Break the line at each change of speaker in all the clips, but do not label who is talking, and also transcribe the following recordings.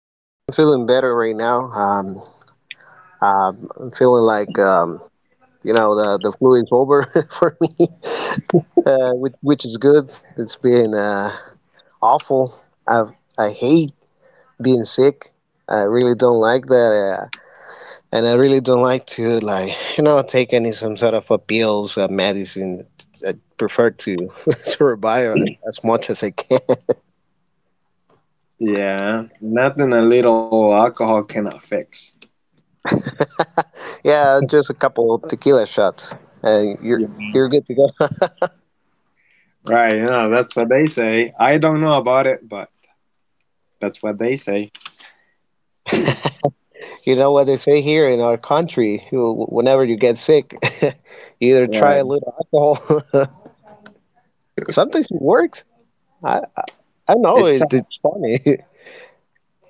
I'm feeling better right now. I'm feeling like the flu is over for me, which is good. It's been awful. I I hate being sick. I really don't like that, and I really don't like to take any some sort of pills, medicine. I prefer to survive as much as I can.
Yeah, nothing a little alcohol cannot fix.
Yeah, just a couple tequila shots, and you're good to go.
Right, that's what they say. I don't know about it, but that's what they say.
You know what they say here in our country, whenever you get sick, you either try
Right.
a little alcohol. Sometimes it works. I, I, I know
It's uh,
it's funny.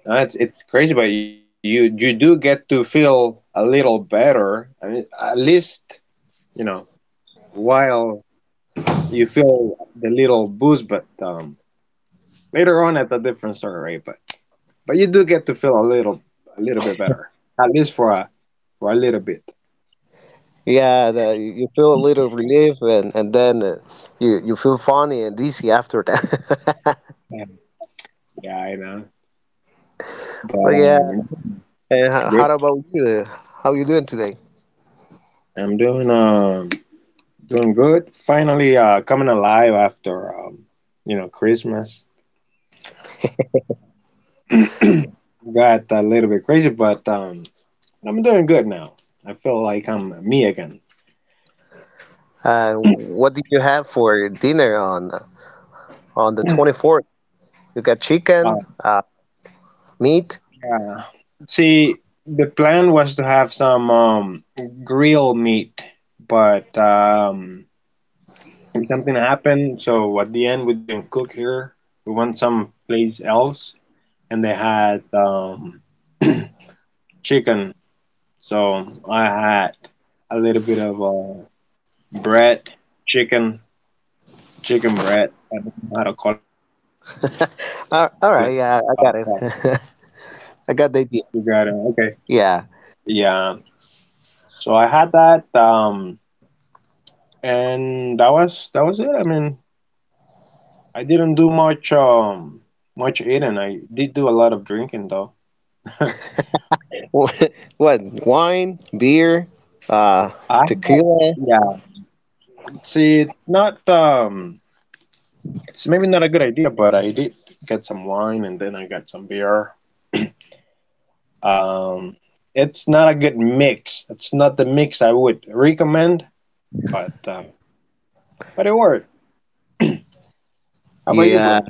it's crazy, but you do get to feel a little better. I mean, at least, you know, while you feel the little booze, but later on it's a different story. But you do get to feel a little bit better, at least for a little bit.
Yeah, you feel a little relief and then you feel funny and dizzy after that.
Yeah, yeah, I know. But
But yeah,
yeah,
and how,
good.
how about you? How you doing today?
I'm doing good. Finally, coming alive after Christmas. Got a little bit crazy, but I'm doing good now. I feel like I'm me again.
What did you have for dinner on the 24th? You got chicken,
Uh,
uh, meat?
yeah. See, the plan was to have some grilled meat, but and something happened. So at the end, we didn't cook here. We went someplace else, and they had chicken. So I had a little bit of bread, chicken, chicken bread. I don't know how to call it, but
All all right, yeah, I got it.
you
I
got it.
got the idea.
Okay.
Yeah.
Yeah. So I had that, and that was it. I mean, I didn't do much eating. I did do a lot of drinking though. I
What? Wine, beer, uh,
had,
tequila.
yeah. See, it's not it's maybe not a good idea, but I did get some wine and then I got some beer. Um it's not a good mix. It's not the mix I would recommend, but it worked. How about you,
Yeah.
bro?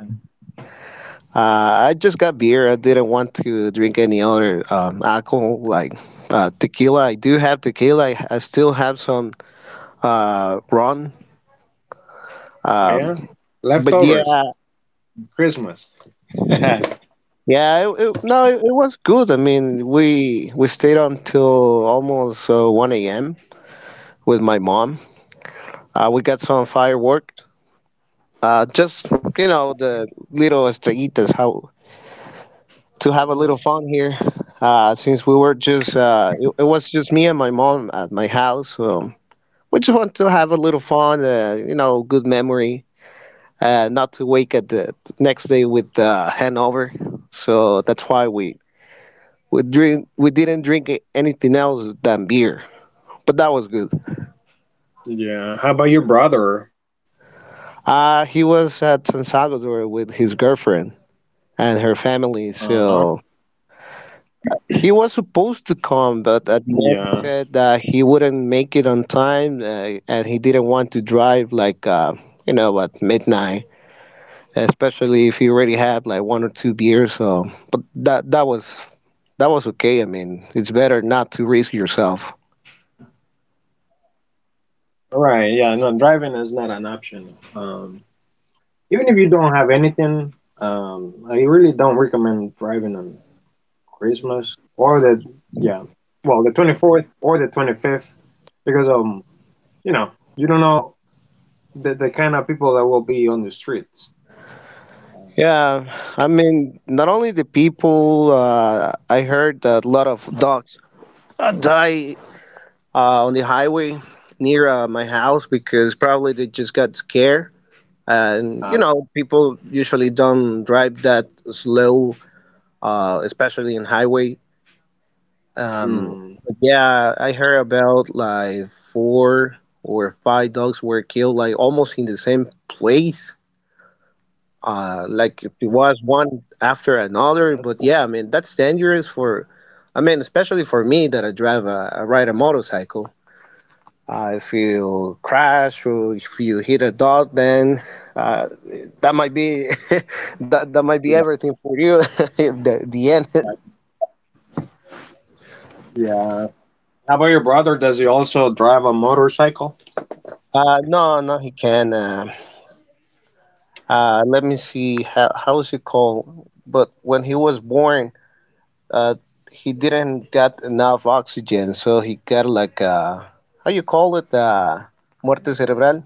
I just got beer. I didn't want to drink any other alcohol like tequila. I do have tequila. I still have some rum.
Oh yeah?
Um, but
Leftovers,
yeah,
Christmas.
yeah. It, no, it was good. I mean, we stayed until almost 1 a.m. with my mom. We got some fireworks. Just you know, the little estrellitas, how to have a
Mhm.
little fun here. Since we were just, it was just me and my mom at my house. We just want to have a little fun. You know, good memory. Not to wake at the next day with hangover. So that's why we drink. We didn't drink anything else than beer. But that was good.
Yeah. How about your brother?
He was at San Salvador with his girlfriend and her
Uh,
family. So. He was supposed to come, but at
yeah.
the end he said that he wouldn't make it on time, and he didn't want to drive like you know at midnight, especially if he already had like one or two beers. So, but that was okay. I mean, it's better not to risk yourself.
Right. Yeah, no, driving is not an option. Even if you don't have anything, I really don't recommend driving on Christmas or the, yeah, well, the 24th or the 25th because you know, you don't know the kind of people that will be on the streets.
Yeah, I mean, not only the people. I heard that a lot of dogs die on the highway near my house because probably they just got scared and you know people usually don't drive that slow especially in highway
Mm,
um, but yeah, I heard about like four or five dogs were killed like almost in the same place,
that's
like it was one after another. But yeah, I mean that's dangerous for, I mean, especially for me that I ride a motorcycle. If you crash or if you hit a dot, then uh, that might be that might
yeah.
be everything for you. The end.
Yeah. How about your brother? Does he also drive a motorcycle?
No, no, he can. Let me see. How is he called? But when he was born, uh, he didn't get enough oxygen, so he got like, how you call it? Muerte cerebral.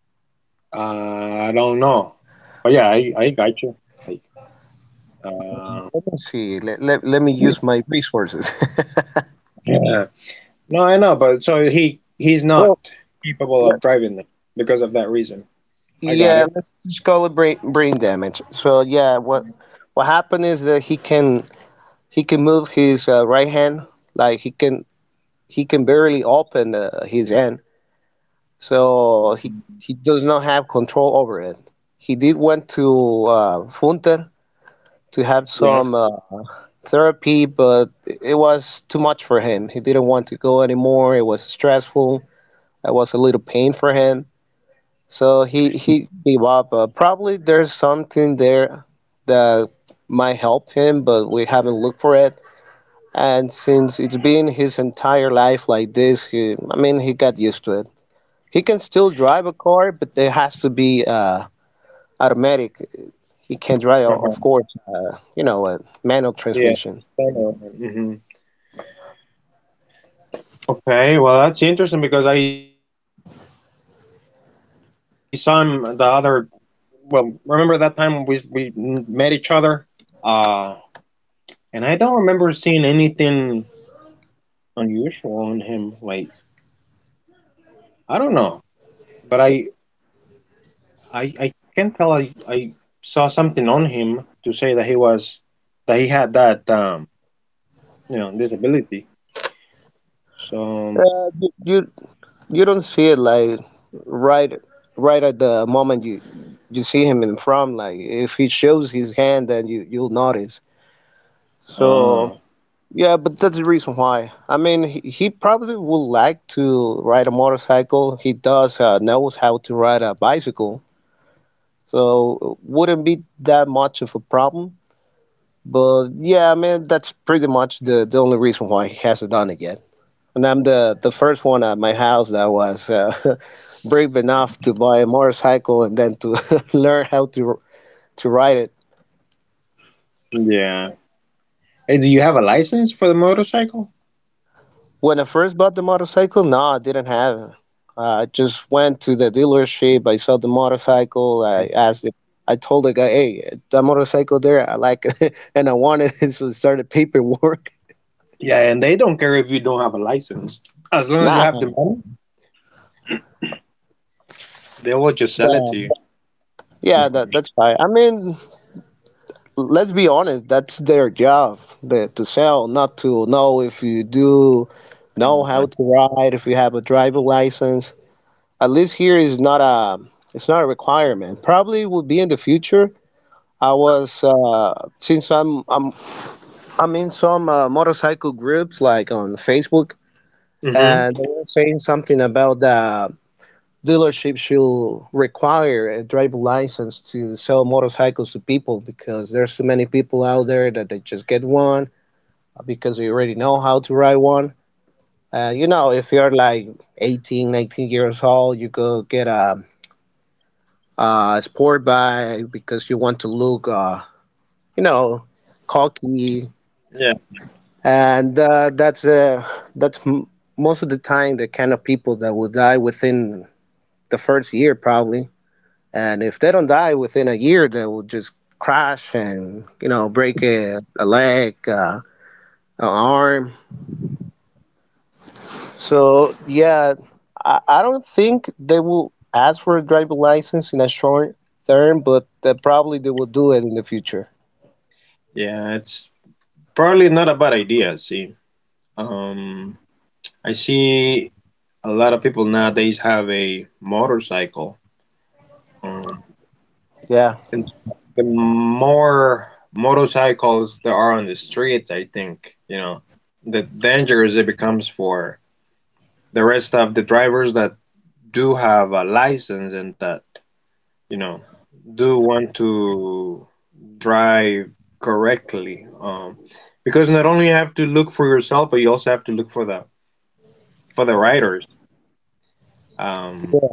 I don't know, but yeah, I got you. Like, uh,
Let me see. Let me use my resources.
yeah. No, I know, but so he's
Well,
not capable of driving them because of that reason. I got
yeah,
it.
let's just call it brain damage. So yeah, what happened is that he can move his right hand. Like he can barely open his hand, so he does not have control over it. He did went to Funter to have some
Yeah.
therapy, but it was too much for him. He didn't want to go anymore. It was stressful. It was a little pain for him. So he gave up. Probably there's something there that might help him, but we haven't looked for it. And since it's been his entire life like this, he, I mean, he got used to it. He can still drive a car, but it has to be automatic. He can drive,
Uh
of
huh.
course, you know, a manual
Yeah,
transmission.
hmm okay, well, that's interesting because I saw him the other. Well, remember that time we met each other, uh, and I don't remember seeing anything unusual on him. Like I don't know, but I can tell I saw something on him to say that he had that disability. So
Uh, you, you don't see it like right right at the moment you you see him in front. Like if he shows his hand, then you you'll notice. So
uh,
yeah, but that's the reason why, I mean, he probably would like to ride a motorcycle. He does knows how to ride a bicycle, so wouldn't be that much of a problem. But yeah, I mean that's pretty much the only reason why he hasn't done it yet. And I'm the first one at my house that was, brave enough to buy a motorcycle and then to learn how to ride it.
yeah. Hey, do you have a license for the motorcycle?
When I first bought the motorcycle, no, I didn't have it. I just went to the dealership. I saw the motorcycle. I asked. I told the guy, "Hey, that motorcycle there, I like it, and I want it." So I started paperwork.
Yeah, and they don't care if you don't have a license. As long as you
Nah,
have the money, they will just sell it
yeah,
to you.
yeah, that's
Mhm.
right. I mean, let's be honest, that's their job, that to sell, not to know if you do know how
Uh,
to ride, if you have a driver license. At least here is not a, it's not a requirement. Probably will be in the future. I was, since I'm in some motorcycle groups like on Facebook,
hmm
and they were saying something about dealerships should require a driver license to sell motorcycles to people because there's too many people out there that they just get one because we already know how to ride one. You know, if you're like 18, 19 years old, you go get a sport bike because you want to look, you know,
Yeah,
cocky. And that's most of the time the kind of people that will die within the first year probably. And if they don't die within a year, they will just crash and you know break a leg, an arm. So yeah, I don't think they will ask for a driving license in a short term, but they probably they will do it in the future.
yeah, it's probably not a bad idea. See, um, I see a lot of people nowadays have a motorcycle. Um,
Yeah,
the more motorcycles there are on the streets, I think, the dangerous it becomes for the rest of the drivers that do have a license and that you know do want to drive correctly, because not only you have to look for yourself, but you also have to look for the riders. um,
yeah,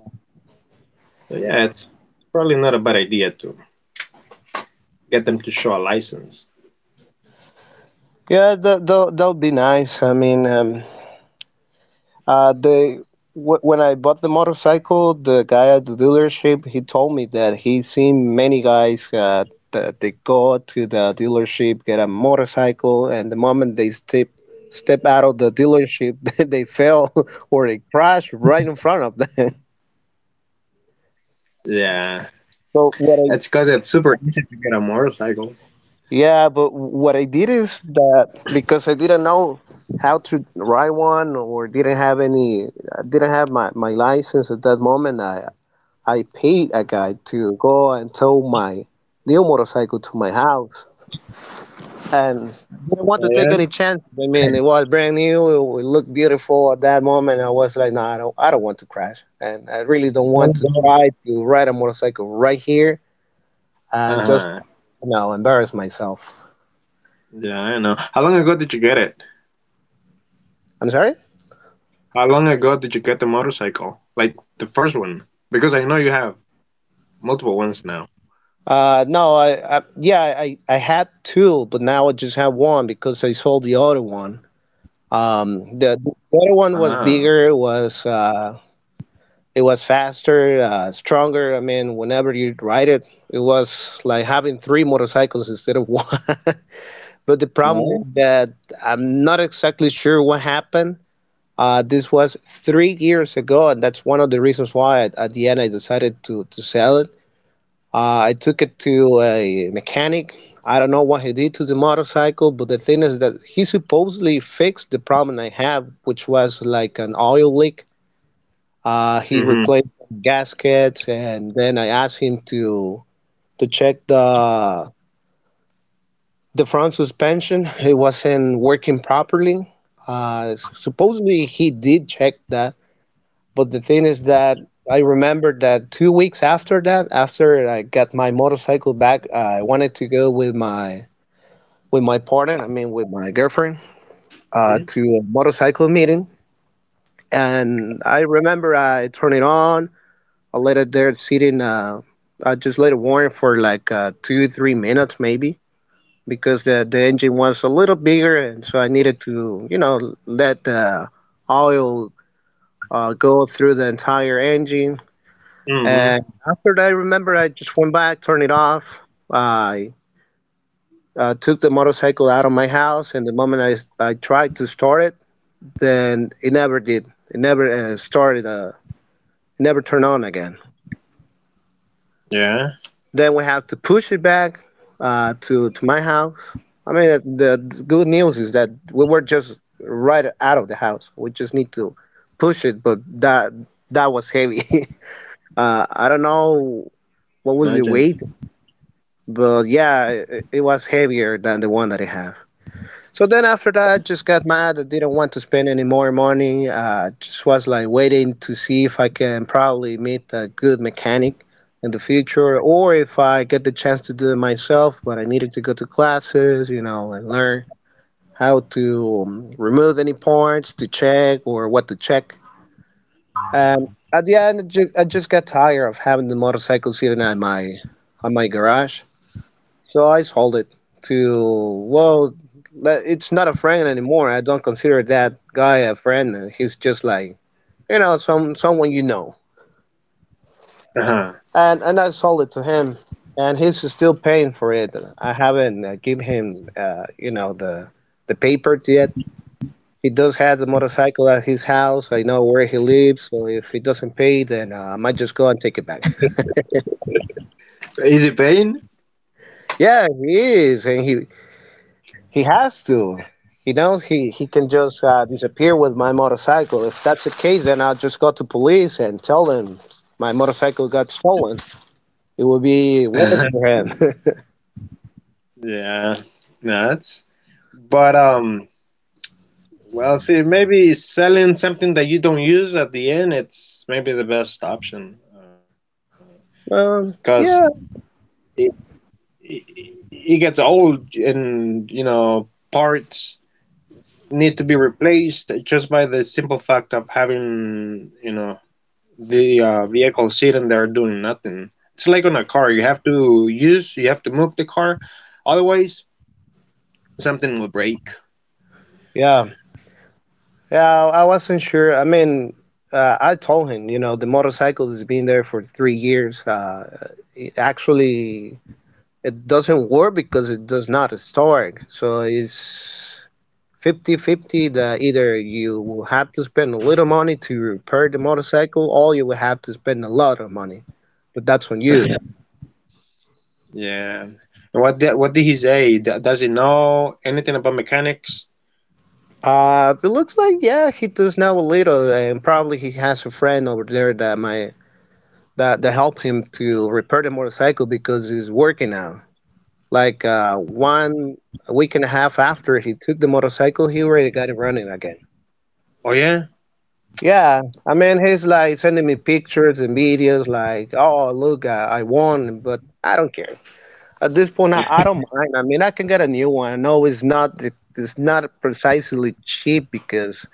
so yeah, it's probably not a bad idea to get them to show a license.
yeah. That would be nice. I mean, uh, the when I bought the motorcycle, the guy at the dealership, he told me that he's seen many guys. That they go to the dealership, get a motorcycle, and the moment they step out of the dealership, they fell or they crash right in front of them.
Yeah, it's because
But what
it's
I
super easy to get a motorcycle.
yeah, but what I did is that because I didn't know how to ride one or didn't have any, I didn't have my license at that moment. I paid a guy to go and tow my new motorcycle to my house,
Oh
and
yeah.
I didn't want to take any chances. I mean, it was brand new. It looked beautiful at that moment. I was like, no, I don't want to crash, and I really don't
Well
want to
done.
try to ride a motorcycle right here and just
Uh-huh.
you know embarrass myself.
Yeah, I know.
I'm sorry.
How long ago did you get the motorcycle, like the first one, because I know you have multiple ones now
No, I yeah, I had two, but now I just have one because I sold the other one.
ah
The other one was bigger. It was, it was faster, stronger. I mean, whenever you ride it, it was like having three motorcycles instead of one. But the
Yeah.
problem is that I'm not exactly sure what happened. This was 3 years ago, and that's one of the reasons why at the end I decided to sell it. I took it to a mechanic. I don't know what he did to the motorcycle, but the thing is that he supposedly fixed the problem I have, which was like an oil leak. He
Mm-hmm.
replaced gaskets, and then I asked him to check the front suspension. It wasn't working properly. Supposedly he did check that. But the thing is that I remember that 2 weeks after that, after I got my motorcycle back, I wanted to go with my partner, I mean with my girlfriend,
Mm-hmm.
to a motorcycle meeting. And I remember I turned it on. I let it there sitting. I just let it warm for like, 2 3 minutes maybe, because the engine was a little bigger, and so I needed to you know let the oil go through the entire engine.
Mm-hmm.
And after that, I remember I just went back, turned it off. I, took the motorcycle out of my house, and the moment I, I tried to start it, then it never did. It never started. It never turned on again.
Yeah.
Then we have to push it back to my house. I mean, the good news is that we were just right out of the house. We just need to push it, but that was heavy. I don't know what was the
Imagine.
weight. But yeah, it was heavier than the one that I have. So then after that, I just got mad. I didn't want to spend any more money. Just was like waiting to see if I can probably meet a good mechanic in the future, or if I get the chance to do it myself. But I needed to go to classes, you know, and learn how to remove any parts to check or what to check. And at the end, I just got tired of having the motorcycle sitting at my garage. So I sold it to well, it's not a friend anymore. I don't consider that guy a friend. He's just like, you know, someone you know.
Uh-huh.
And I sold it to him, and he's still paying for it. I haven't give him, you know, the paper yet. He does have the motorcycle at his house. I know where he lives. So if he doesn't pay, then I might just go and take it back.
Easy pain.
Yeah, he is, and he has to. He knows he can just disappear with my motorcycle. If that's the case, then I'll just go to police and tell them my motorcycle got stolen. It would be worse for him.
Yeah. Nuts. But. Well, see, maybe selling something that you don't use at the end, it's maybe the best option. Because
Yeah,
it, it gets old and, parts need to be replaced just by the simple fact of having, the vehicle sitting there doing nothing. It's like on a car. You have to move the car. Otherwise, something will break.
yeah, yeah. I wasn't sure. I mean, I told him, you know, the motorcycle has been there for 3 years. It actually. It doesn't work because it does not start. So it's 50-50 that either you will have to spend a little money to repair the motorcycle or you will have to spend a lot of money. But that's on you.
Yeah. And what did he say? Does he know anything about mechanics?
It looks like yeah, he does know a little, and probably he has a friend over there that might that help him to repair the motorcycle because he's working now. Like one a week and a half after he took the motorcycle, he already got it running again.
Oh yeah.
Yeah, I mean, he's like sending me pictures and videos, like, oh, look, I won, but I don't care. At this point,
Yeah.
I don't mind. I mean, I can get a new one. I know it's not it's not precisely cheap because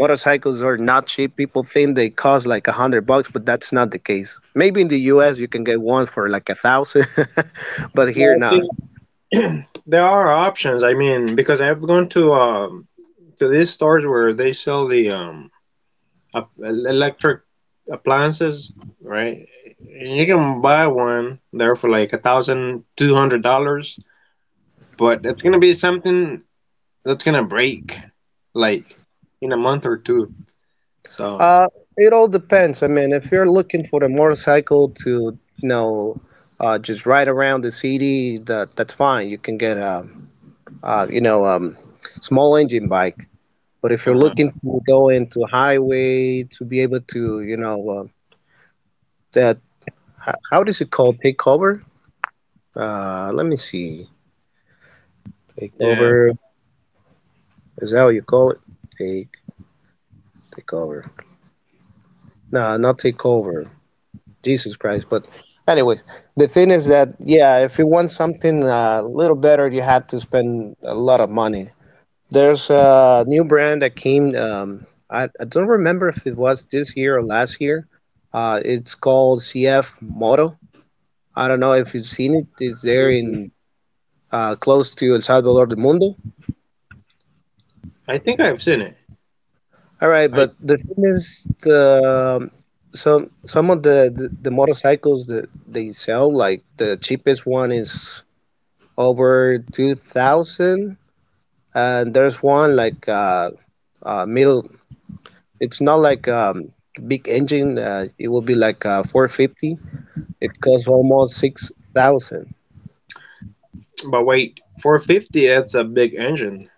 motorcycles are not cheap. People think they cost like 100 bucks, but that's not the case. Maybe in the U.S. you can get one for like 1,000, but here,
Well, I
no.
think there are options. I mean, because I've gone to these stores where they sell the electric appliances, right? And you can buy one there for like $1,200, but it's gonna be something that's gonna break like in a month or two. So,
Uh, it all depends. I mean, if you're looking for a motorcycle to, you know, just ride around the city, that's fine. You can get a, you know, small engine bike. But if you're
uh-huh.
looking to go into highway to be able to, you know, that how, does it called? Take over? Let me see. Take
Yeah,
over.
but
Is that what you call it? Take Take over. No, not takeover. Jesus Christ. But anyways, the thing is that yeah, if you want something a little better, you have to spend a lot of money. There's a new brand that came. I don't remember if it was this year or last year. It's called CF Moto. I don't know if you've seen it. It's there
mm,
in close to El Salvador del Mundo.
I think I've seen it.
All right,
I
but the thing is, the, some of the motorcycles that they sell, like the cheapest one is over 2000 and there's one like middle it's not like big engine it will be like 450 it costs almost 6000.
but wait, 450, that's a big engine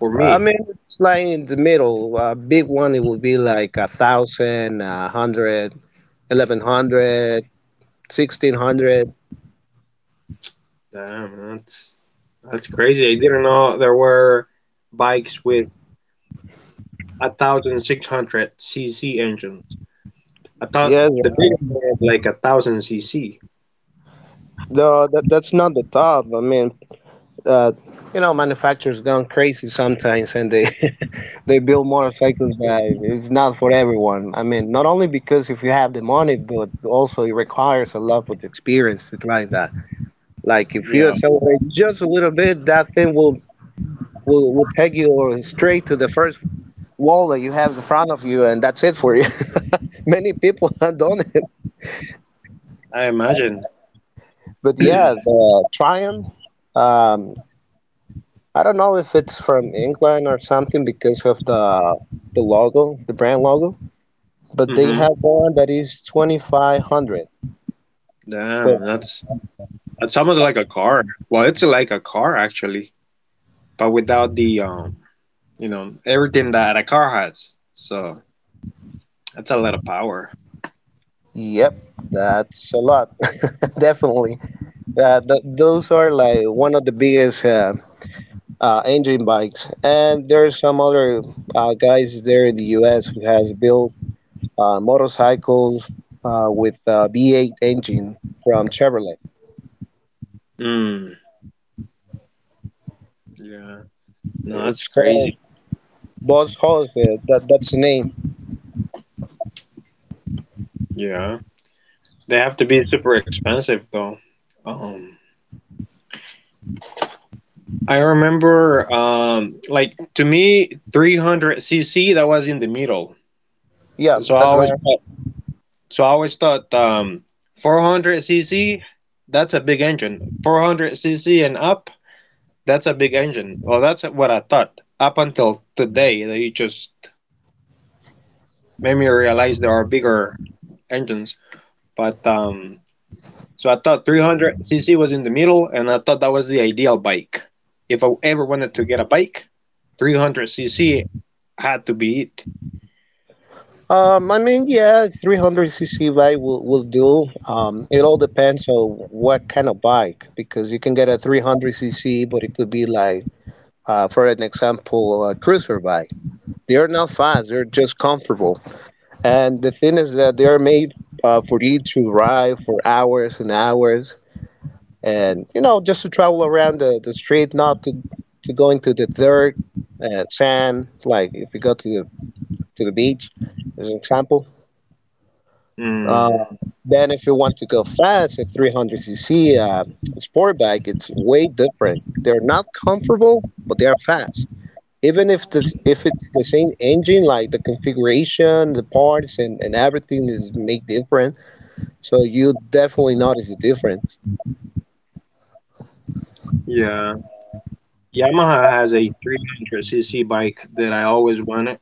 for
I
me.
mean, it's like in the middle. A big one it would be like a thousand a hundred, 1100, 1600.
Damn, that's crazy. I didn't know there were bikes with 1,600 cc engines. I
1100
thought
1600
the
yeah
big one had like 1,000 cc.
that's not the top. I mean, uh, you know, manufacturers gone crazy sometimes, and they they build motorcycles that is not for everyone. I mean, not only because if you have the money, but also it requires a lot of experience to drive that. Like if
Yeah,
you accelerate just a little bit, that thing will peg you or straight to the first wall that you have in front of you, and that's it for you. Many people have done it,
I imagine.
but yeah, the Triumph. Um, I don't know if it's from England or something because of the logo, the brand logo, but they have
Mm-hmm.
one that is 2500. But
Damn, that's it's almost like a car. Well, it's like a car actually, but without the everything that a car has. So that's a lot of power.
yep, that's a lot. Definitely. Th Those are like one of the biggest engine bikes. And there's some other guys there in the US who has built motorcycles with V8 engine from Chevrolet.
Mm, yeah. No, that's
It's called
crazy.
Boss Hoss. That's the name.
Yeah. They have to be super expensive though. Um, I remember, like to me 300 cc, that was in the middle.
Yeah,
So, I
that's
always
right.
thought, so I always thought 400 cc, that's a big engine. 400 cc and up. That's a big engine. Well, that's what I thought up until today. That you just made me realize there are bigger engines. But so I thought 300 cc was in the middle, and I thought that was the ideal bike. If I ever wanted to get a bike, 300 cc had to be it.
I mean, yeah, 300cc bike will do. It all depends on what kind of bike, because you can get a 300cc, but it could be like, for an example, a cruiser bike. They're not fast, they're just comfortable. And the thing is that they're made for you to ride for hours and hours, and you know, just to travel around the street, not to go into the dirt, sand, like if you go to the beach, as an example. Uh,
Mm,
then if you want to go fast, a 300cc sport bike, it's way different. They're not comfortable, but they are fast. Even if this, if it's the same engine, like the configuration, the parts, and everything is made different, so you definitely notice the difference.
yeah, Yamaha has a 300 cc bike that I always wanted.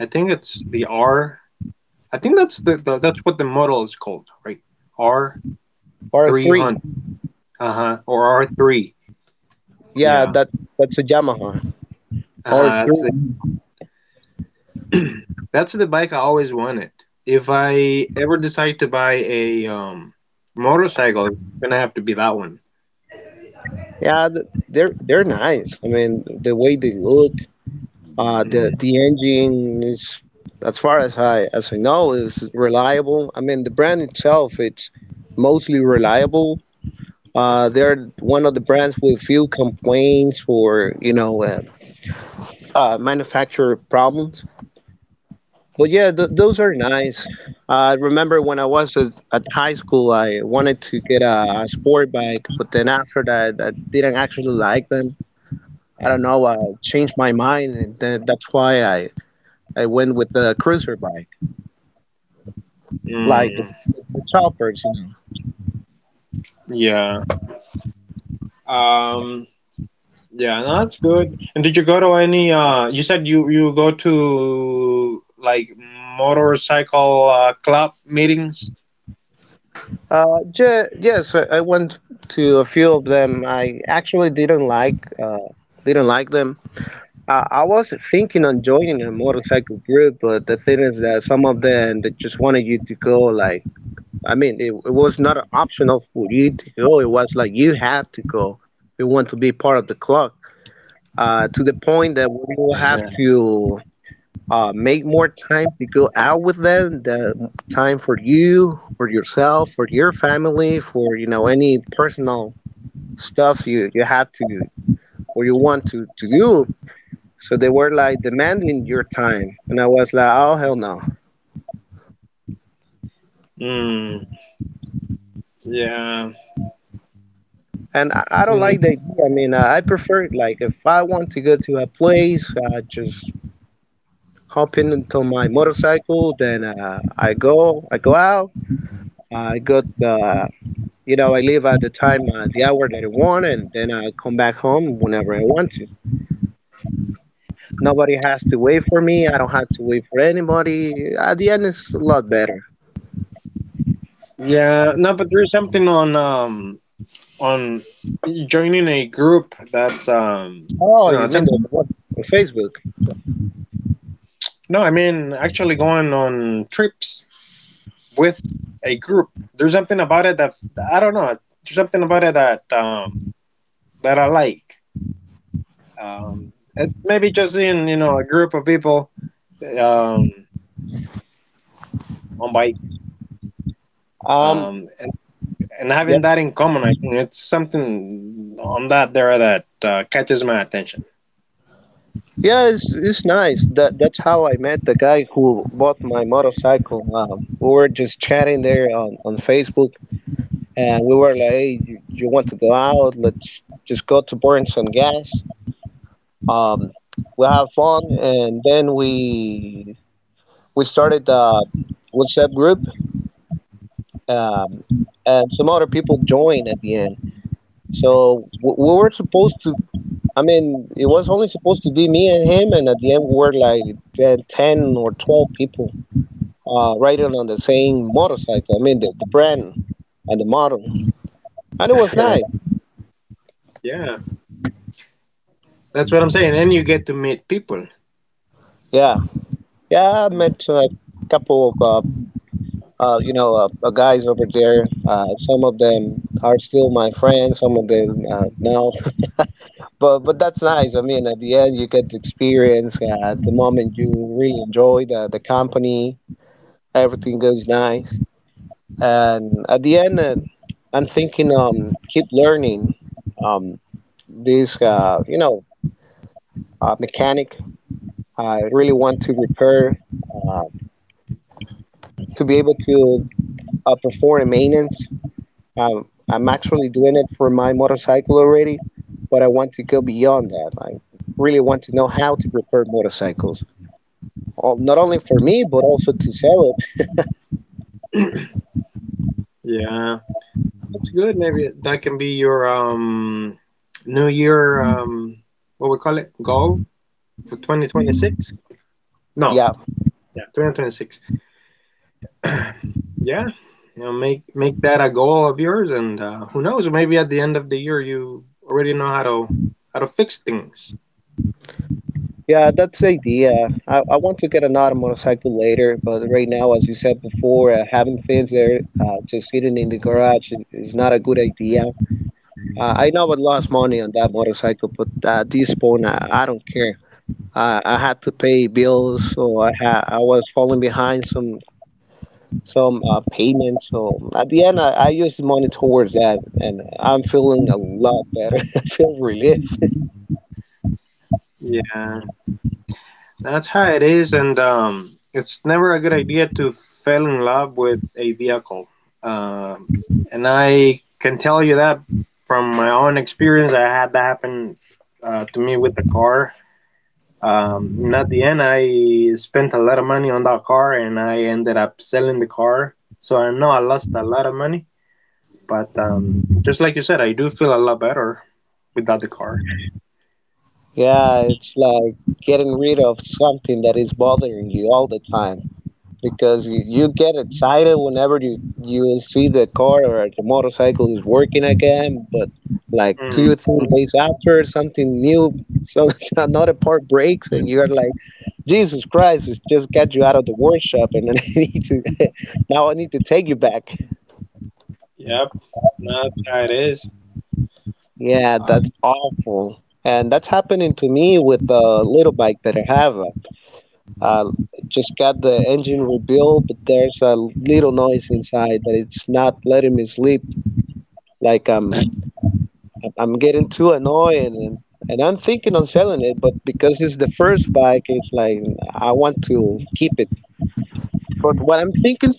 I think it's the R. I think that's what the model is called, right? R
R3,
300, uh-huh, or R3,
yeah,
yeah,
that's a Yamaha
uh-huh, that's
R3.
the that's the bike I always wanted. If I ever decide to buy a motorcycle, it's gonna have to be that one.
Yeah, they're nice. I mean, the way they look.
Mm.
The engine is, as far as I know, is reliable. I mean, the brand itself, it's mostly reliable. They're one of the brands with few complaints or you know manufacturer problems. But yeah, th those are nice. I remember when I was at high school, I wanted to get a sport bike, but then after that, I didn't actually like them. I don't know, I changed my mind, and then that's why I went with the cruiser bike. Like
Mm,
the, choppers, you know.
yeah. um yeah, no, that's good. And did you go to any you said you go to, like, motorcycle club meetings.
Yes, I went to a few of them. I actually didn't like them. I was thinking on joining a motorcycle group, but the thing is that some of them they just wanted you to go. Like, I mean, it was not an option of for you to go. It was like you have to go. If you want to be part of the club. To
Yeah.
the point that we will have to make more time to go out with them. The time for you, for yourself, for your family, for you know any personal stuff you have to or you want to do. So they were like demanding your time, and I was like, oh hell no.
Mm, yeah.
And I
Mm,
don't like the idea. I mean, I prefer it, like if I want to go to a place, I just hop in into my motorcycle, then I go out. I got you know, I leave at the time, the hour that I want, and then I come back home whenever I want to. Nobody has to wait for me. I don't have to wait for anybody. At the end, it's a lot better.
yeah. No, but there's something on joining a group that,
Oh, you mean the
attempting,
what? On Facebook?
no, I mean actually going on trips with a group. There's something about it that I don't know, there's something about it that I like, it, maybe just in a group of people, um, on bike,
Um,
um, and, and
yep.
having that in common. I think it's something on that there that catches my attention.
Yeah, it's nice. That's how I met the guy who bought my motorcycle. We were just chatting there on Facebook, and we were like, "Hey, you want to go out? Let's just go to burn some gas." Um, we have fun and then we started a WhatsApp group, um, and some other people joined at the end. So we were supposed to. I mean, it was only supposed to be me and him, and at the end we were like 10 or 12 people riding on the same motorcycle. I mean, the brand and the model, and it was
Yeah,
nice.
yeah, that's what I'm saying, and you get to meet people.
Yeah, yeah. I
Mm.
met a couple of you know guys over there. Some of them are still my friends. Some of them now. But that's nice. I mean, at the end, you get to experience at the moment you really enjoy the company. Everything goes nice, and at the end, I'm thinking keep learning um this you know mechanic. I really want to repair uh, to be able to perform maintenance. I'm actually doing it for my motorcycle already, but I want to go beyond that. I really want to know how to repair motorcycles. Well, not only for me, but also to sell it.
Yeah. That's good. Maybe that can be your New Year, what we call it, goal for 2026. No,
Yeah,
yeah, 2026. Yeah, you know, make that a goal of yours, and who knows? Maybe at the end of the year you already know how to fix things.
yeah, that's the idea. I want to get another motorcycle later, but right now, as you said before, having things there just sitting in the garage is not a good idea. I know I lost money on that motorcycle, but at this point, I don't care. I had to pay bills, so I was falling behind some payments. So at the end, I used the money towards that, and I'm feeling a lot better. I feel relieved.
Yeah. That's how it is, and it's never a good idea to fall in love with a vehicle. Um, and I can tell you that from my own experience, I had that happen, to me with the car. And at the end, I spent a lot of money on that car, and I ended up selling the car. So I know I lost a lot of money, but just like you said, I do feel a lot better without the car.
Yeah, it's like getting rid of something that is bothering you all the time because you get excited whenever you see the car or the motorcycle is working again, but like
Hmm.
two three days after something new, so another part breaks and you're like, Jesus Christ, it's just got you out of the workshop and then I need to now I need to take you back.
Yep, that's how it is.
Yeah,
Uh,
that's awful. And that's happening to me with the little bike that I have. Uh, just got the engine rebuilt, but there's a little noise inside that it's not letting me sleep. Like I'm, I'm getting too annoyed, and I'm thinking on selling it, but because it's the first bike, it's like I want to keep it. But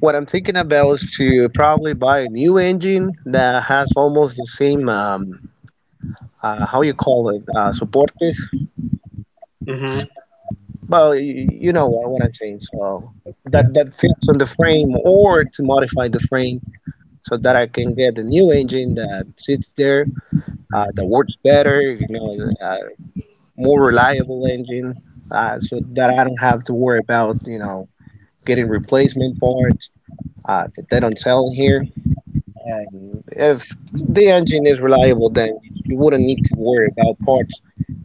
what I'm thinking about is to probably buy a new engine that has almost the same, how you call it, soportes.
mhm.
Well, you know what, I'm saying. So that
Yeah,
that fits on the frame, or to modify the frame so that I can get a new engine that sits there, that works better, you know, more reliable engine, so that I don't have to worry about, you know, getting replacement parts that they don't sell here. And if the engine is reliable, then you wouldn't need to worry about parts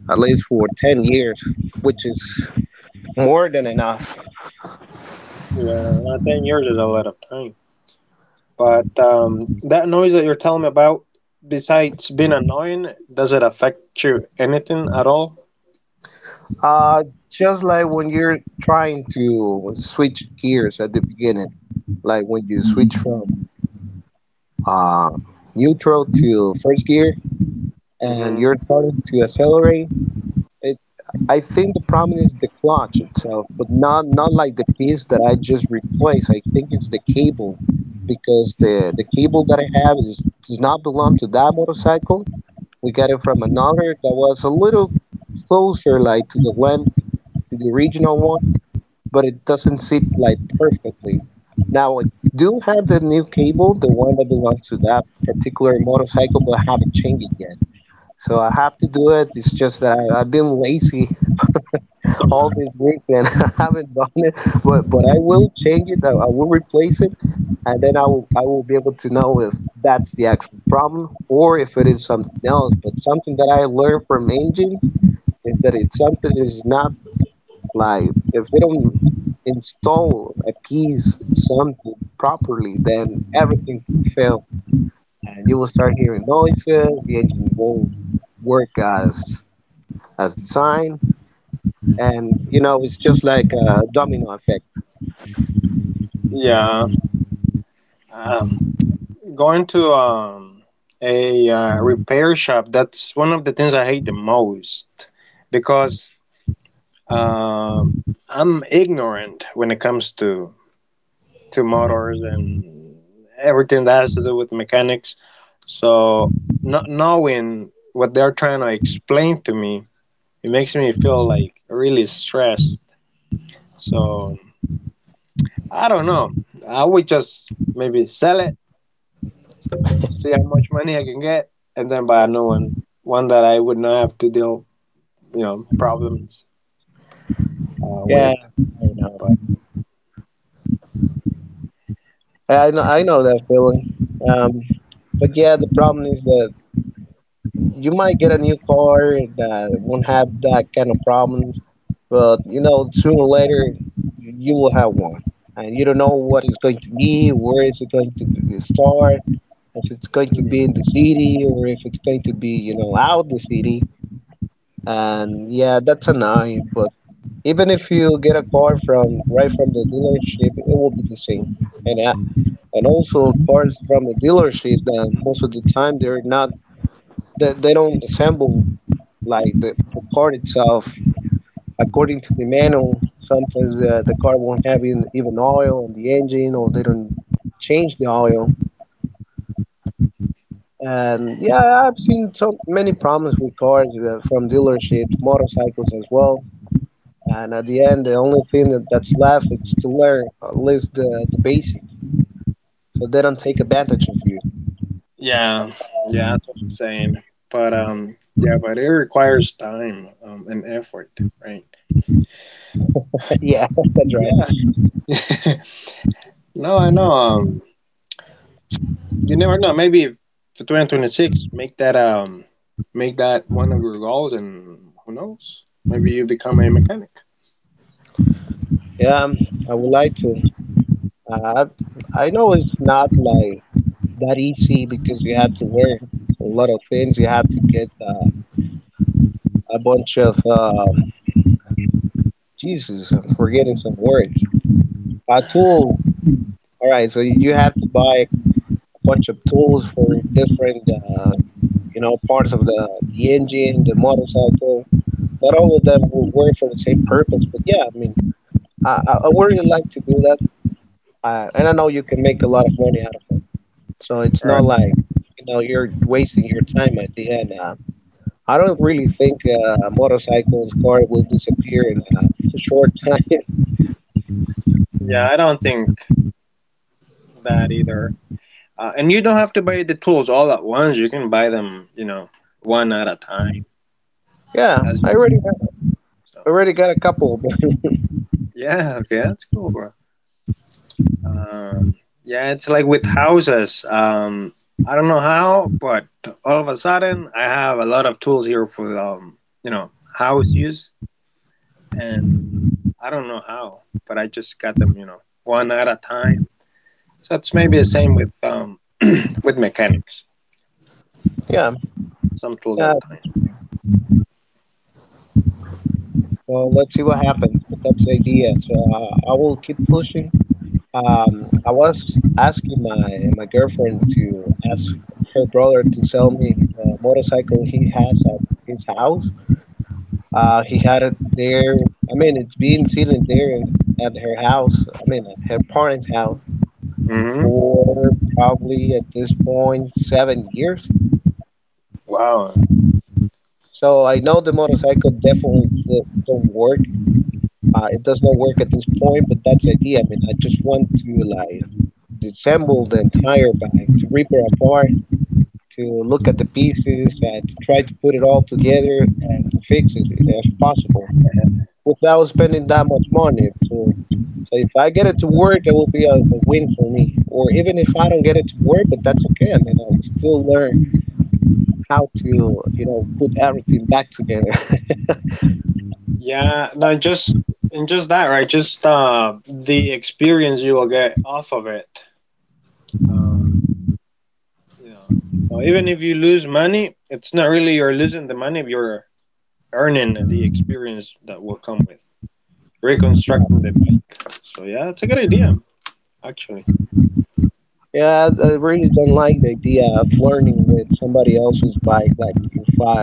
at least for 10 years, which is more than enough.
yeah. 10 years is a lot of time. But that noise that you're telling me about, besides being annoying, does it affect you anything at all?
Uh, just like when you're trying to switch gears at the beginning, like when you switch from uh, neutral to first gear and you're
Hmm.
starting to accelerate, it, I think the problem is the clutch itself, but not like the piece that I just replaced. I think it's the cable because the cable that I have is does not belong to that motorcycle. We got it from another that was a little closer, like to the one to the original one, but it doesn't sit like perfectly. Now I do have the new cable, the one that belongs to that particular motorcycle, but I haven't changed it yet. So I have to do it. It's just that I've been lazy all this week and I haven't done it. But I will change it. I will replace it, and then I will be able to know if that's the actual problem or if it is something else. But something that I learned from engine is that it's something that is not like if they don't install a piece something properly, then everything can fail, and you will start hearing noises. The engine won't work as designed, and you know it's just like a domino effect.
Yeah. Um, Going to, a repair shop, that's one of the things I hate the most because um, I'm ignorant when it comes to motors and everything that has to do with mechanics. So not knowing what they're trying to explain to me, it makes me feel like really stressed. So I don't know. I would just maybe sell it, see how much money I can get, and then buy a new one, one that I would not have to deal, problems,
Yeah,
with.
I know.
But.
I know. I know that feeling. Um, but yeah, the problem is that you might get a new car that won't have that kind of problem, but you know, sooner or later, you will have one, and you don't know what it's going to be, where is it going to be, start, if it's going to be in the
Hmm.
city or if it's going to be, you know, out the city. And yeah, that's annoying. But even if you get a car from right from the dealership, it will be the same. And also cars from the dealership, most of the time they're not they, they don't assemble like the car itself according to the manual, sometimes the car won't have even oil on the engine, or they don't change the oil. And yeah, I've seen so many problems with cars from dealerships, motorcycles as well. And at the end, the only thing that's left is to learn at least the basic, so they don't take advantage of you.
Yeah, yeah, that's what I'm saying. But yeah, but it requires time, and effort, right?
Yeah, that's right.
No, I know. You never know. Maybe for 2026, make that one of your goals, and who knows? Maybe you become a mechanic.
Yeah, I would like to. Uh, I know it's not like that easy because you have to learn a lot of things. You have to get a bunch of Jesus, I'm forgetting some words. Tools. All right, so you have to buy a bunch of tools for different, uh, you know, parts of the engine, the motorcycle. Not all of them will work for the same purpose, but yeah, I mean, I would really like to do that, and I know you can make a lot of money out of it. So it's
All
not
right.
like you know you're wasting your time at the end. I don't really think motorcycles car will disappear in a short time.
Yeah, I don't think that either. And you don't have to buy the tools all at once. You can buy them, one at a time.
Yeah,
As
I
you,
already
so.
already got a couple, but
Yeah. Okay, that's cool, bro. Um, yeah, it's like with houses. I don't know how, but all of a sudden, I have a lot of tools here for house use, and I don't know how, but I just got them, you know, one at a time. So it's maybe the same with with mechanics,
yeah,
some tools
yeah.
at a time.
Well, let's see what happens. But that's the idea. So I will keep pushing. I was asking my girlfriend to ask her brother to sell me the motorcycle he has at his house. He had it there. I mean, it's been sitting there at her house. I mean, at her parents' house
Hmm.
for probably at this point 7 years.
Wow.
So I know the motorcycle definitely d- don't work it does not work at this point, but that's the idea. I mean, I just want to like disassemble the entire bag, to rip it apart, to look at the pieces, and to try to put it all together and to fix it if possible without spending that much money. So, if I get it to work, it will be a win for me. Or even if I don't get it to work, but that's okay. I mean, I will still learn how to, you know, put everything back together.
Yeah. No, just and just that, right? Just the experience you will get off of it. Um, Yeah. So even if you lose money, it's not really you're losing the money, you're earning the experience that will come with reconstructing the bike. So yeah, it's a good idea actually.
Yeah, I really don't like the idea of learning with somebody else's bike. Like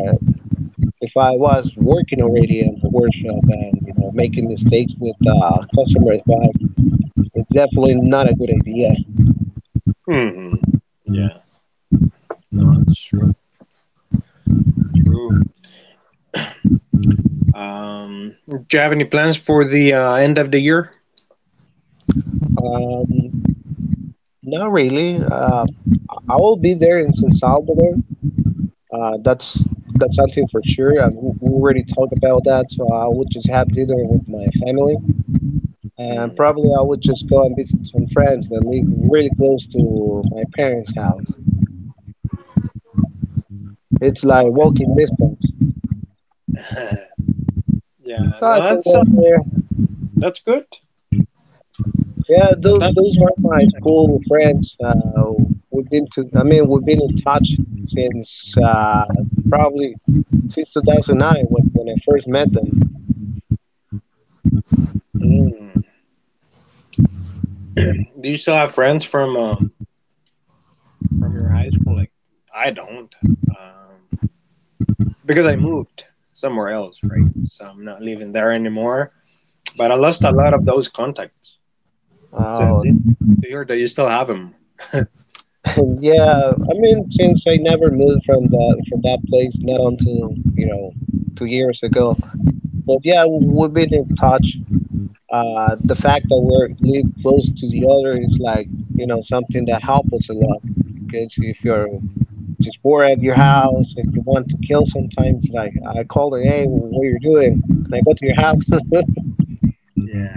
if I was working already in a workshop and you know making mistakes with customer's bike, it's definitely not a good idea.
Hmm. Yeah. No, that's true. Do you have any plans for the end of the year?
Um, Not really. I will be there in San Salvador. That's something for sure. And we already talked about that. So I would just have dinner with my family.
Hmm.
And probably I would just go and visit some friends that live really close to my parents' house. It's like
Okay.
walking distance.
Yeah,
So
no,
I can
that's
go there.
that's good.
Yeah,
That, that,
those are my school friends. We've been to. I mean, we've been in touch since probably since 2009 when, I first met them.
mm. Do you still have friends from your high school? Like I don't um because I moved somewhere else, right? So I'm not living there anymore. But I lost a lot of those contacts. So that's
Uh,
it. To hear that you still have them.
and yeah, I mean, since I never moved from the from that place, not until you know 2 years ago. But yeah, we've been in touch. The fact that we're live close to the other is like, you know, something that helps us a lot. Because if you're just bored at your house and you want to kill sometimes, like I call it, hey, what are you doing? And I go to your house.
Yeah.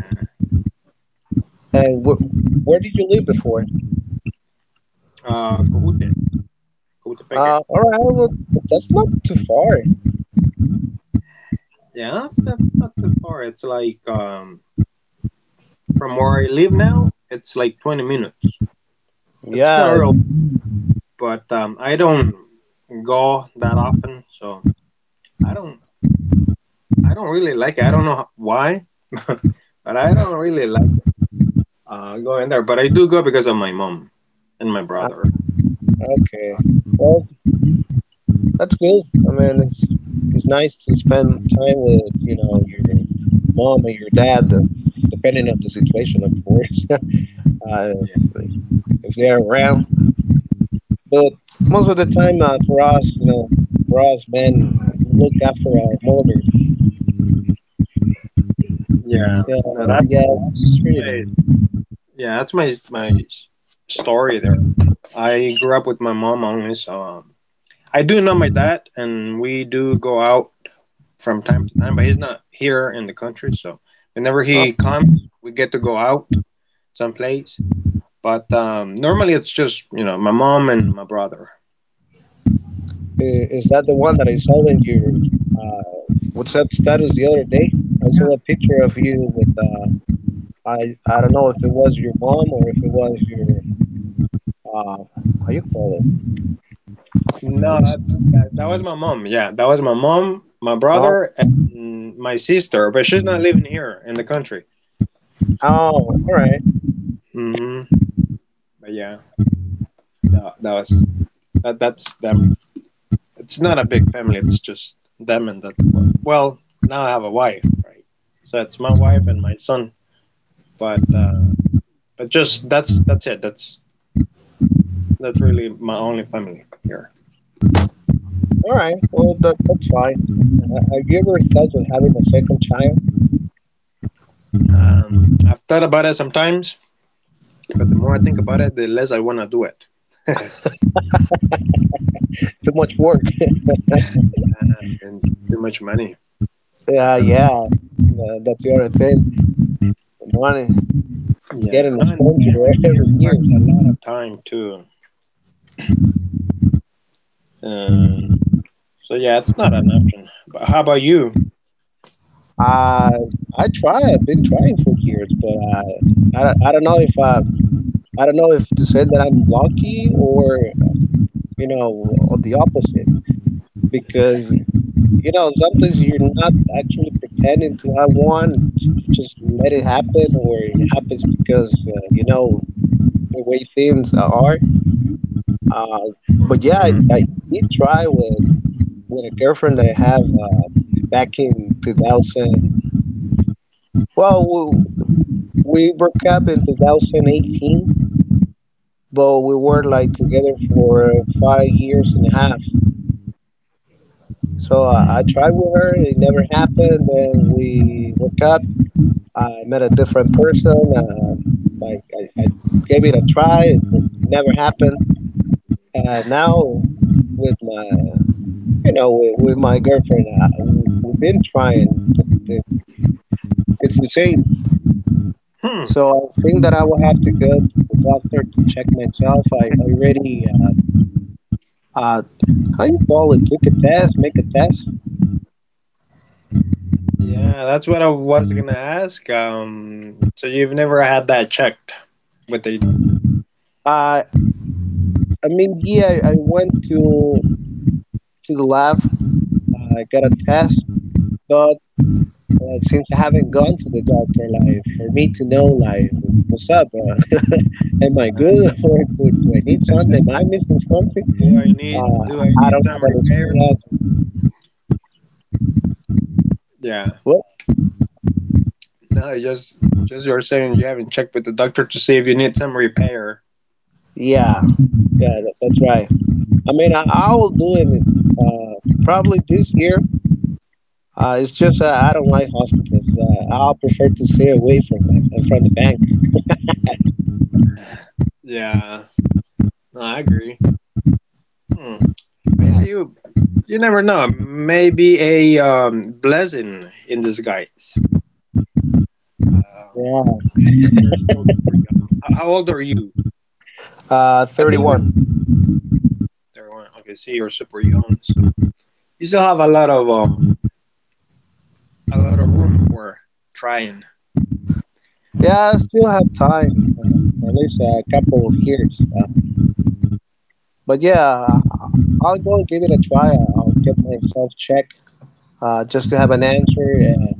And wh where did you live before?
Kohute. Kohutepeke.
All right, well, but that's not too far.
Yeah, that's not too far. It's like from where I live now, it's like 20 minutes. It's not
Yeah,
real, but I don't go that often, so I don't. I don't really like it. I don't know why, but I don't really like going there. But I do go because of my mom and my
uh,
brother.
okay. Well, that's good. I mean, it's nice to spend time with, you know, your mom and your dad, depending on the situation, of course. uh,
Yeah,
if, they're around. But most of the time, for us, you know, for us, man, we look after our mothers.
yeah. no, that's
So yeah, that's really
my
nice.
Yeah, that's my story there. I grew up with my mom only, so I do know my dad, and we do go out from time to time, but he's not here in the country, so whenever he
Oh,
comes, we get to go out someplace. But normally it's just, you know, my mom and my brother.
is that the one that I saw in your uh, WhatsApp status the other day? I saw a picture of you with I I don't know if it was your mom or if it was your uh, how you call it?
No,
Let me see.
that was my mom. Yeah, that was my mom, my
Oh,
brother, and my sister, but she's not living here in the country.
oh, all right,
Hmm. But yeah, that, that was that that's them. It's not a big family. It's just them and that. Well, now I have a wife, right? So it's my wife and my son. But just that's it. That's really my only family here.
all right. Well, that's fine. Have you ever thought of having a second child?
I've thought about it sometimes, but the more I think about it, the less I want to do it,
Too much work.
and too much money.
Yeah, yeah.
Um,
That's the other thing. The money. It's
yeah,
getting
no, and time,
expensive
and it
every
requires
year.
a lot of time too. Um, so yeah, it's not an option. But how about you?
Uh, I try. I've been trying for years, but don't- I don't know if I don't know if to say that I'm lucky or you know or the opposite because you know sometimes you're not actually pretending to have one. You just let it happen, or it happens because you know the way things are. Uh, but yeah, I,
Hmm.
I did try with a girlfriend that I have back in 2000. Well, we broke up in 2018, but we were like together for 5 years and a half. So I
Hmm.
tried with her, it never happened. Then we broke up. I met a different person. Like I gave it a try, it never happened. And now with my, you know, with my girlfriend, we've been trying. But it's the same.
Hmm.
So I think that I will have to go to the doctor to check myself. I already, uh, how you call it, took a test, make a test.
Yeah, that's what I was gonna ask. So you've never had that checked with the
Uh, I mean, yeah, I went to the lab, I got a test, but since I haven't gone to the doctor, like for me to know, like what's up, am I
uh,
good or do I need something? Am I missing something? Uh,
do I
I
need
don't
some
have an
repair?
answer.
Yeah,
Well,
no, just you're saying you haven't checked with the doctor to see if you need some repair.
yeah, yeah, that's right. I mean, I will do it probably this year. It's just I don't like hospitals. I'll prefer to stay away from them and from the bank.
Yeah, no, I agree. Hmm. Yeah, you never know. Maybe a blessing in disguise. Um,
Yeah.
and You're still super young. How old are you? I think you're.
31.
They Okay, see, you're super young. So you still have a lot of room for trying.
Yeah, I still have time, at least a couple of years. But yeah, I'll go and give it a try. I'll get myself checked just to have an answer, and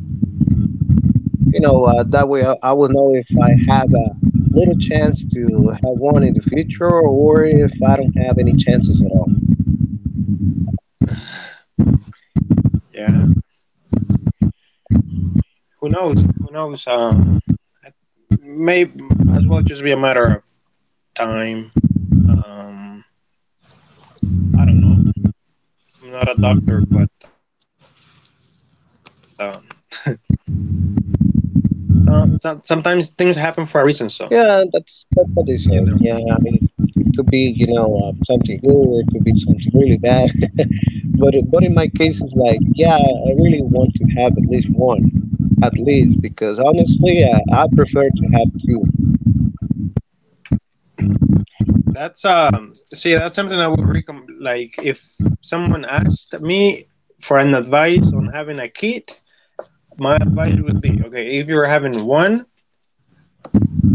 that way I will know if I have a little chance to have one in the future or if I don't have any chances at all.
Yeah, who knows? Who knows? May as well just be a matter of time. Um, I don't know. I'm not a doctor, but sometimes things happen for a reason. So you
Yeah,
know,
that's what they said. Yeah, it could be something good, it could be something really bad. But but in my case, it's like yeah, I really want to have at least one, at least because honestly, I prefer to have two.
that's see, that's something I would recommend. Like if someone asked me for an advice on having a kid, my advice would be, okay, if you're having one,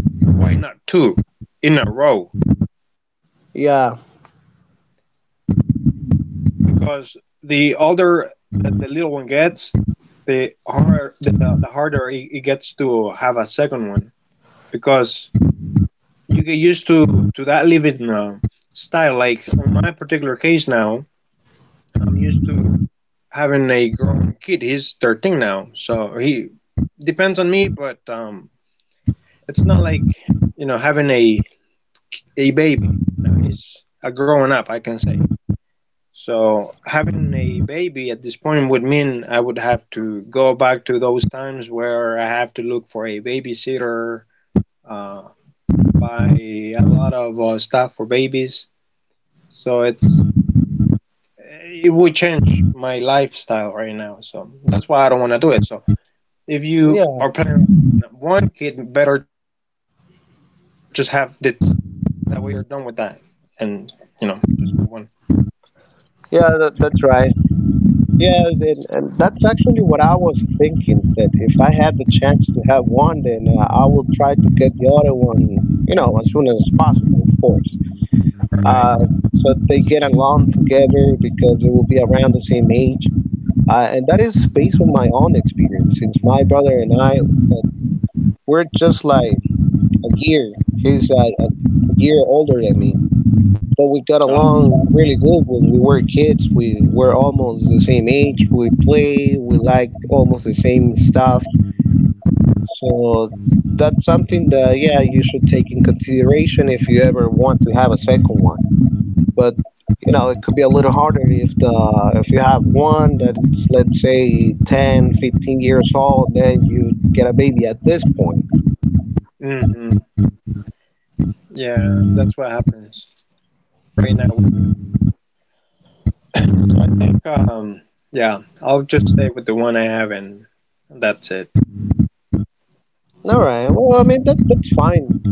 why not two in a row?
Yeah,
Because the older that the little one gets, the harder harder it gets to have a second one. Because you get used to that living style. Like in my particular case now, I'm used to having a grown kid. He's 13 now, so he depends on me. But it's not like, you know, having a baby. No, he's a growing up, I can say. So having a baby at this point would mean I would have to go back to those times where I have to look for a babysitter, uh, buy a lot of stuff for babies. So it's it would change my lifestyle right now. So that's why I don't want to do it. So if you are
yeah,
planning on one kid, better just have the two at once. That way you're done with that, and you know, just move on.
yeah. That's right. Yeah, and that's actually what I was thinking. That if I had the chance to have one, then I will try to get the other one. You know, as soon as possible, of course.
Right.
uh, so they get along together because they will be around the same age. And that is based on my own experience, since my brother and I, uh, we're just like a year. He's a year older than me. But we
Uh,
got along really good when we were kids. We were almost the same age. We liked almost the same stuff. So that's something that, yeah, you should take in consideration if you ever want to have a second one. But it could be a little harder if the if you have one that it's let's say 10 15 years old. Then you get a baby at this point.
mm-hmm. Yeah, that's what happens right now. So I think, yeah, I'll just stay with the one I have, and that's it.
All right, well, I mean, that's fine.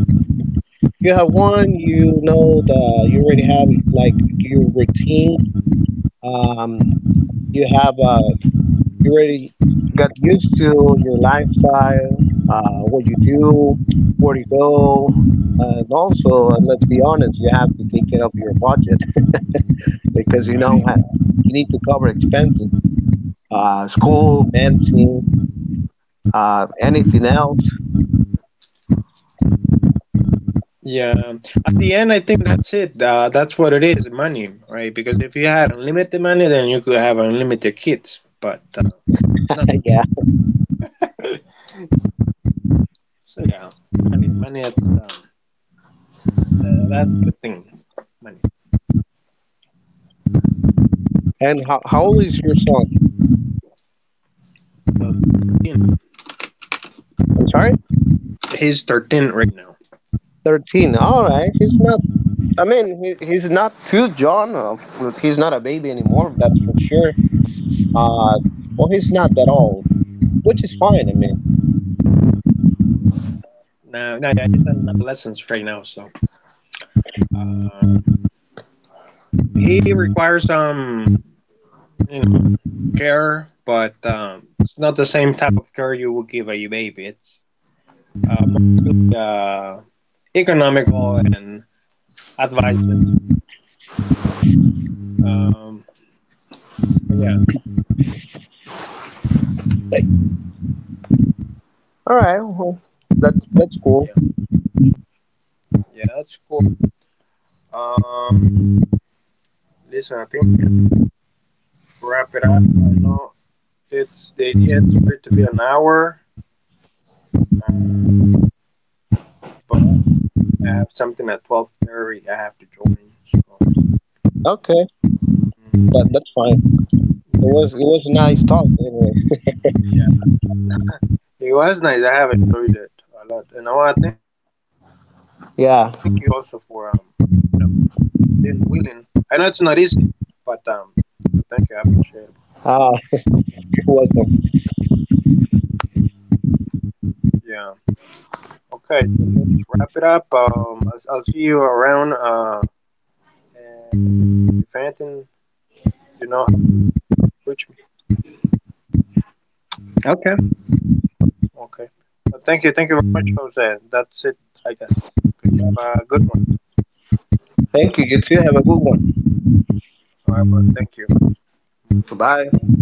You have one. You know the you already have like your routine. um you have, you already got used to your lifestyle, what you do, where you go. And also, and let's be honest, you have to take care of your budget because you know
Right?
you need to cover expenses, school, medicine, anything else.
Yeah. At the end, I think that's it. That's what it is, money, right? Because if you had unlimited money, then you could have unlimited kids, but it's not the
Yeah.
case. So yeah, money, money. That's the thing, money.
And how old is your son?
So, you know,
I'm sorry,
he's 13 right now.
13. All right, he's not. I mean, he's not too John. Of course, he's not a baby anymore. That's for sure. Uh, well, he's not that old, which is fine. I mean,
Yeah, he's in adolescence right now, so uh, he requires you know, care, but it's not the same type of care you would give a baby. It's mostly, economical and advising. Um, yeah,
like, all right, well, that's
yeah,
that's cool.
yeah, that's cool. Um, listen, I think we can wrap it up. I know it's the idea is for it to be an hour, uh, but I have something at 12:30. I have to join. So
Okay,
mm,
that's fine.
yeah,
It was a nice talk anyway.
yeah. It was nice. I have enjoyed it a lot, and I want to thank you also for you know,
Yeah.
being willing. I know it's not easy, but thank you. I appreciate it.
Uh, you're welcome.
Yeah. Okay. So let's wrap it up. I'll see you around. And if anything, you know, how to reach me.
Okay.
Okay. But thank you. Thank you very much, Jose. That's it, I guess. Okay, have a good one.
Thank you. You too. Have a good one.
All right. Well, thank you.
Bye.
Bye.
Bye.